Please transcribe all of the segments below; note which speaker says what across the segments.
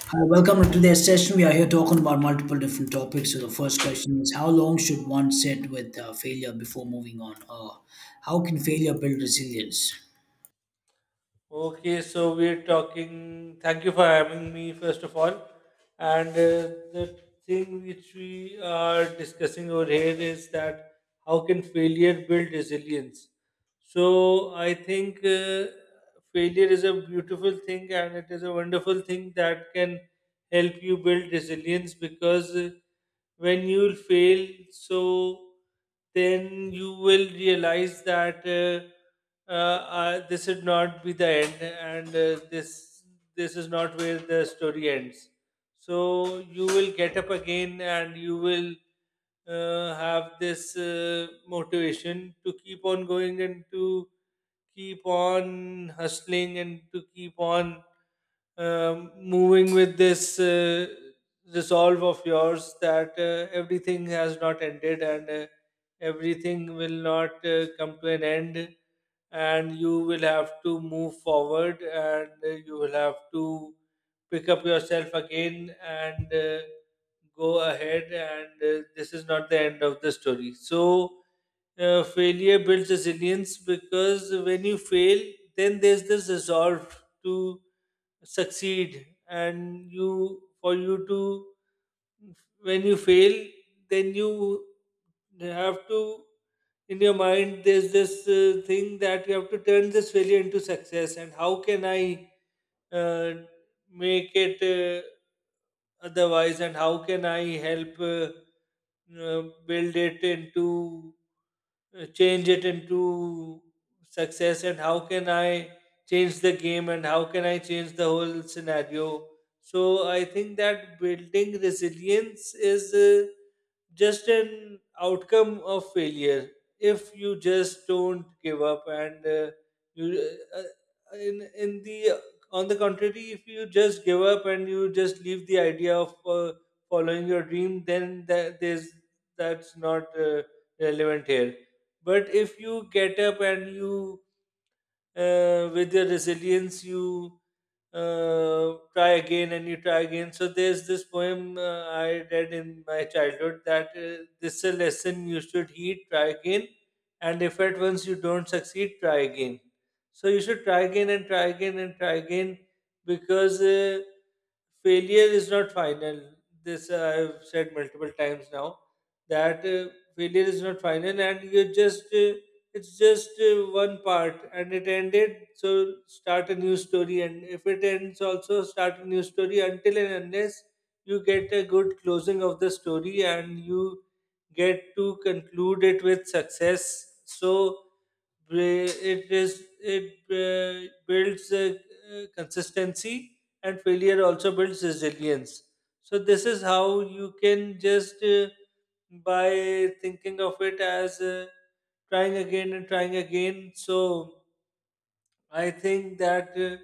Speaker 1: Hi, welcome to today's session. We are here talking about multiple different topics. So the first question is, how long should one sit with failure before moving on, or how can failure build resilience?
Speaker 2: Okay, so we're talking. Thank you for having me, first of all. And the thing which we are discussing over here is that how can failure build resilience? So I think failure is a beautiful thing and it is a wonderful thing that can help you build resilience because when you will fail so then you will realize that this should not be the end and this is not where the story ends, so you will get up again and you will have this motivation to keep on going and to keep on hustling and to keep on moving with this resolve of yours that everything has not ended and everything will not come to an end, and you will have to move forward and you will have to pick up yourself again and go ahead, and this is not the end of the story. So, failure builds resilience because when you fail, then there's this resolve to succeed and you for you to when you fail, then you have to, in your mind, there's this thing that you have to turn this failure into success. And how can I uh, make it otherwise? And how can I help build it into, change it into success? And how can I change the game? And how can I change the whole scenario? So I think that building resilience is just an outcome of failure. If you just don't give up and in the on the contrary, if you just give up and you just leave the idea of following your dream, then that's not relevant here. But if you get up and you with your resilience you try again and you try again. So there's this poem I read in my childhood that this is a lesson you should heed: try again, and if at once you don't succeed, try again. So you should try again and try again and try again because failure is not final. This I've said multiple times now that failure is not final and you just it's just one part and it ended, so start a new story, and if it ends, also start a new story, until and unless you get a good closing of the story and you get to conclude it with success. So It builds consistency, and failure also builds resilience. So this is how you can just by thinking of it as trying again and trying again. So I think that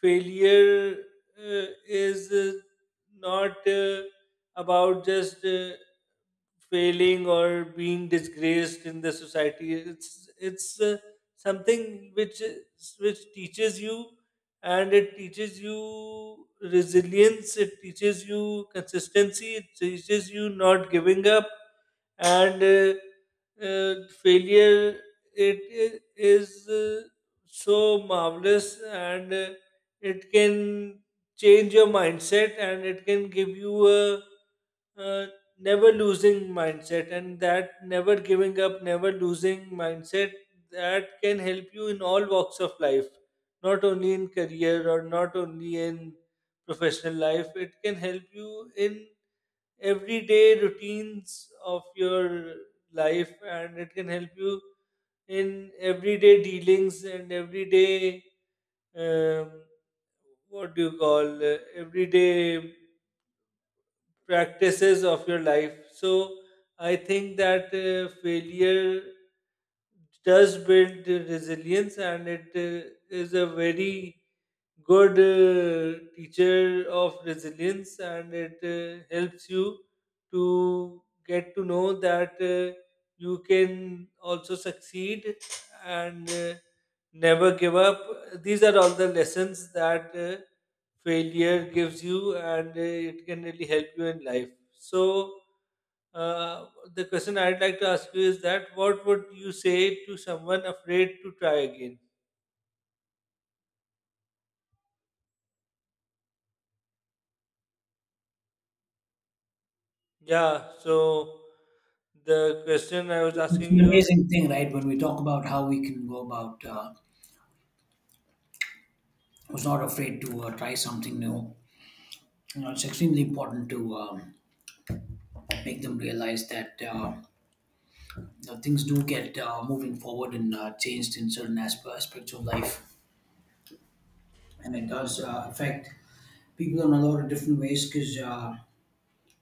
Speaker 2: failure is not about just failing or being disgraced in the society. It's something which teaches you, and it teaches you resilience, it teaches you consistency, it teaches you not giving up. And uh, Failure, it i- is uh, so marvelous, and it can change your mindset and it can give you a uh, never losing mindset, and that never giving up, never losing mindset, that can help you in all walks of life, not only in career or not only in professional life. It can help you in everyday routines of your life, and it can help you in everyday dealings and everyday um, what do you call everyday practices of your life. So I think that failure does build resilience, and it is a very good teacher of resilience, and it helps you to get to know that you can also succeed and never give up. These are all the lessons that failure gives you, and it can really help you in life. So uh, the question I'd like to ask you is that what would you say to someone afraid to try again? Yeah, so the question I was
Speaker 1: It's
Speaker 2: asking
Speaker 1: an
Speaker 2: you.
Speaker 1: amazing thing, right? When we talk about how we can go about who's not afraid to try something new, you know, it's extremely important to make them realize that you know, things do get moving forward and changed in certain aspects of life, and it does affect people in a lot of different ways because.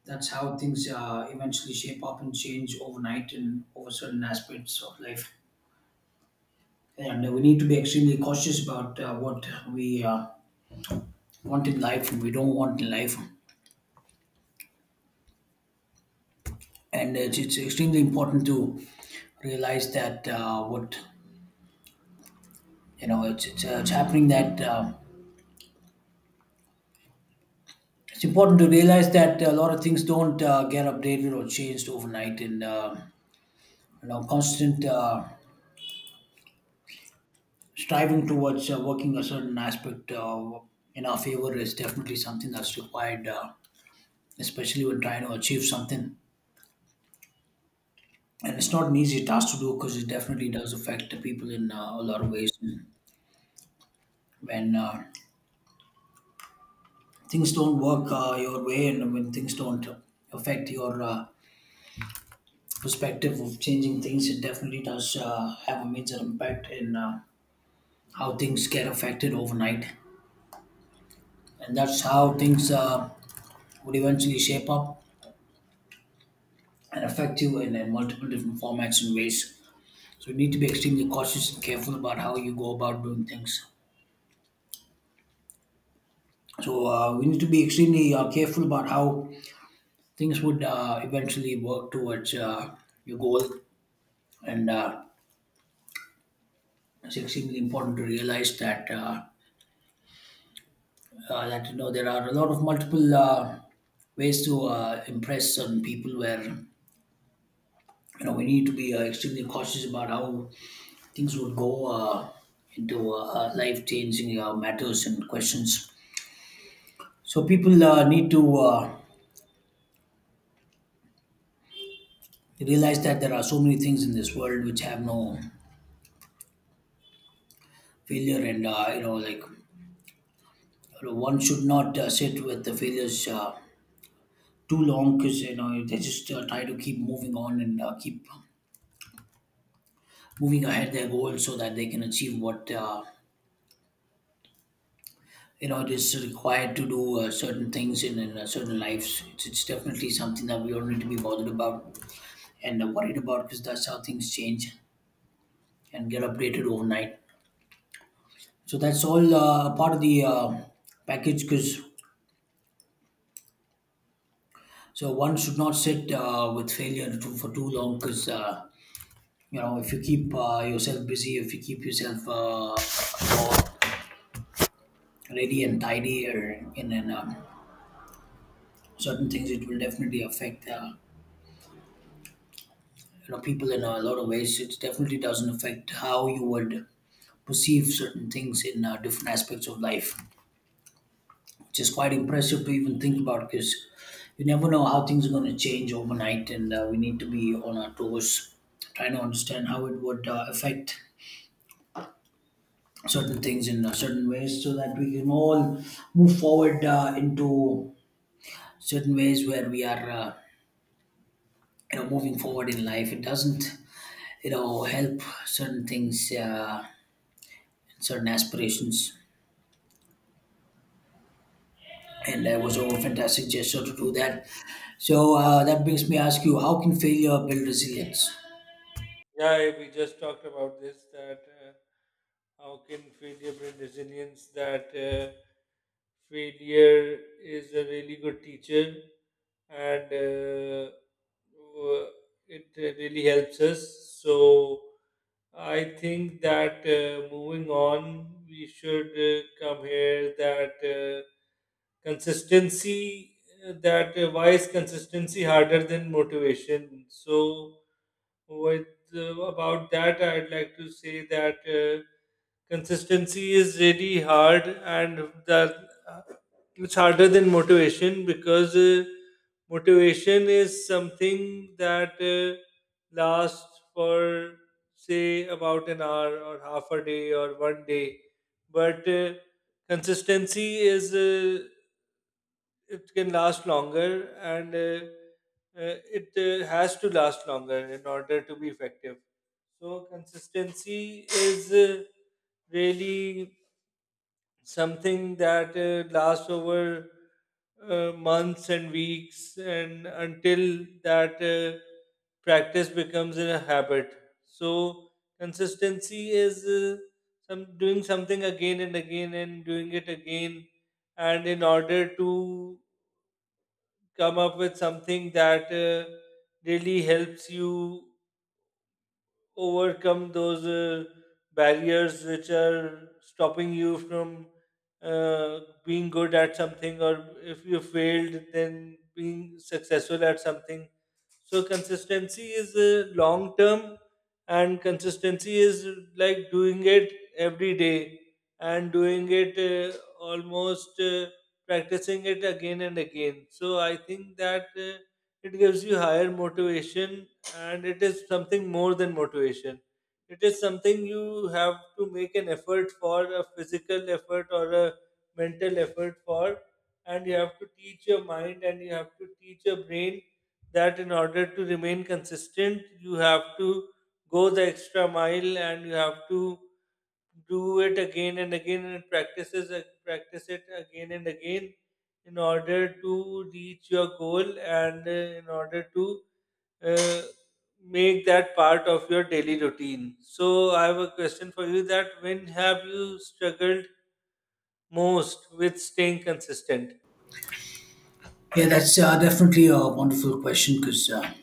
Speaker 1: That's how things eventually shape up and change overnight and over certain aspects of life. And we need to be extremely cautious about what we want in life and we don't want in life. And it's extremely important to realize that what, you know, it's it's happening that it's important to realize that a lot of things don't get updated or changed overnight, and you know, constant striving towards working a certain aspect in our favor is definitely something that's required, especially when trying to achieve something. And it's not an easy task to do because it definitely does affect the people in a lot of ways. When things don't work your way and when things don't affect your perspective of changing things, it definitely does have a major impact in how things get affected overnight. And that's how things would eventually shape up and effective and in multiple different formats and ways. So you need to be extremely cautious and careful about how you go about doing things. So we need to be extremely careful about how things would eventually work towards your goal, and it's extremely important to realize that that, you know, there are a lot of multiple ways to impress certain people where, you know, we need to be extremely cautious about how things would go uh, into life-changing matters and questions. So people need to realize that there are so many things in this world which have no failure, and you know, like, you know, one should not sit with the failures too long, because you know they just try to keep moving on and keep moving ahead their goals so that they can achieve what. You know, it is required to do certain things in certain lives. It's definitely something that we all need to be bothered about and worried about, because that's how things change and get updated overnight. So that's all part of the package because, so one should not sit with failure for too long, because you know, if you keep yourself busy, if you keep yourself more ready and tidy or in certain things, it will definitely affect you know, people in a lot of ways. It definitely doesn't affect how you would perceive certain things in different aspects of life, which is quite impressive to even think about, because you never know how things are going to change overnight, and we need to be on our toes trying to understand how it would affect certain things in certain ways so that we can all move forward into certain ways where we are, you know, moving forward in life. It doesn't, you know, help certain things, certain aspirations. And that was a fantastic gesture to do that. So that makes me ask you, how can failure build resilience?
Speaker 2: Yeah, yeah, we just talked about this, that how can failure bring resilience? That failure is a really good teacher, and w- it really helps us. So I think that moving on, we should come here, that consistency. That why is consistency harder than motivation? So with about that I'd like to say that consistency is really hard, and that it's harder than motivation because motivation is something that lasts for say about an hour or half a day or one day, but consistency is it can last longer, and it has to last longer in order to be effective. So consistency is really something that lasts over months and weeks and until that practice becomes a habit. So consistency is some doing something again and again and doing it again, and in order to come up with something that really helps you overcome those barriers which are stopping you from uh, being good at something, or if you failed, then being successful at something. So consistency is long term, and consistency is like doing it every day and doing it almost practicing it again and again. So I think that it gives you higher motivation, and it is something more than motivation. It is something you have to make an effort for, a physical effort or a mental effort for, and you have to teach your mind and you have to teach your brain that in order to remain consistent, you have to go the extra mile and you have to do it again and again and practice it again and again in order to reach your goal, and in order to uh, make that part of your daily routine. So I have a question for you: that when have you struggled most with staying consistent?
Speaker 1: Yeah, that's definitely a wonderful question because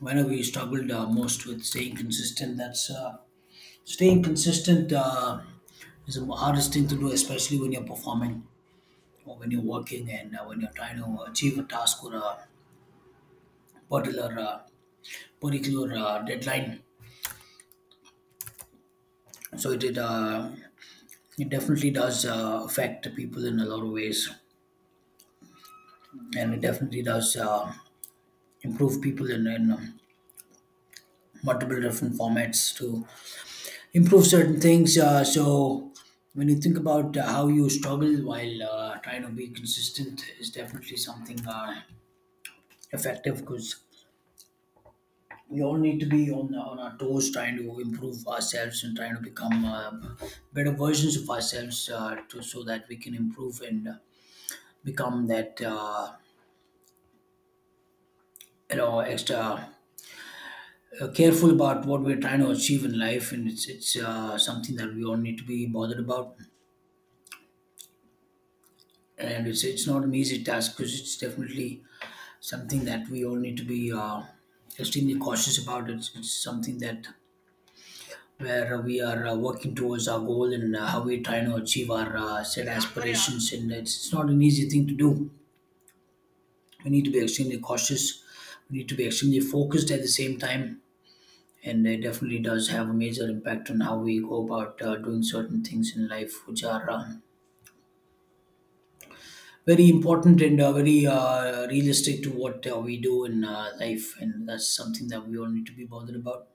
Speaker 1: whenever we struggled most with staying consistent, that's staying consistent is the hardest thing to do, especially when you're performing or when you're working and when you're trying to achieve a task or a particular uh, particular deadline. So it it definitely does affect people in a lot of ways. And it definitely does improve people in multiple different formats to improve certain things. So when you think about how you struggle while trying to be consistent is definitely something effective, because we all need to be on our toes trying to improve ourselves and trying to become better versions of ourselves so that we can improve and become that you know, extra careful about what we're trying to achieve in life, and it's something that we all need to be bothered about. And it's not an easy task because it's definitely something that we all need to be extremely cautious about. It's something that where we are working towards our goal and how we're trying to achieve our set aspirations, and it's not an easy thing to do. We need to be extremely cautious. We need to be extremely focused at the same time, and it definitely does have a major impact on how we go about doing certain things in life, which are very important and very realistic to what we do in life, and that's something that we all need to be bothered about.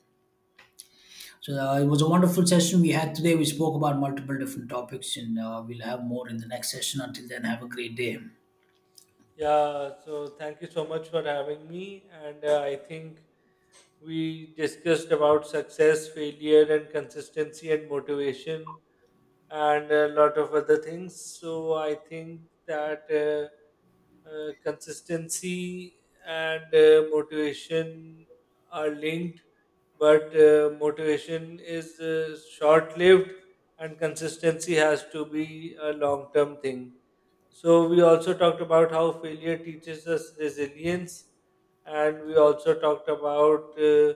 Speaker 1: So it was a wonderful session we had today. We spoke about multiple different topics, and we'll have more in the next session. Until then, have a great day.
Speaker 2: Yeah, so thank you so much for having me, and I think we discussed about success, failure, and consistency and motivation, and a lot of other things. So I think that consistency and motivation are linked, but motivation is short lived, and consistency has to be a long term thing. So we also talked about how failure teaches us resilience, and we also talked about,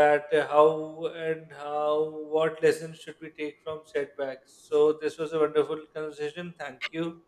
Speaker 2: that how and how what lessons should we take from setbacks. So this was a wonderful conversation. Thank you.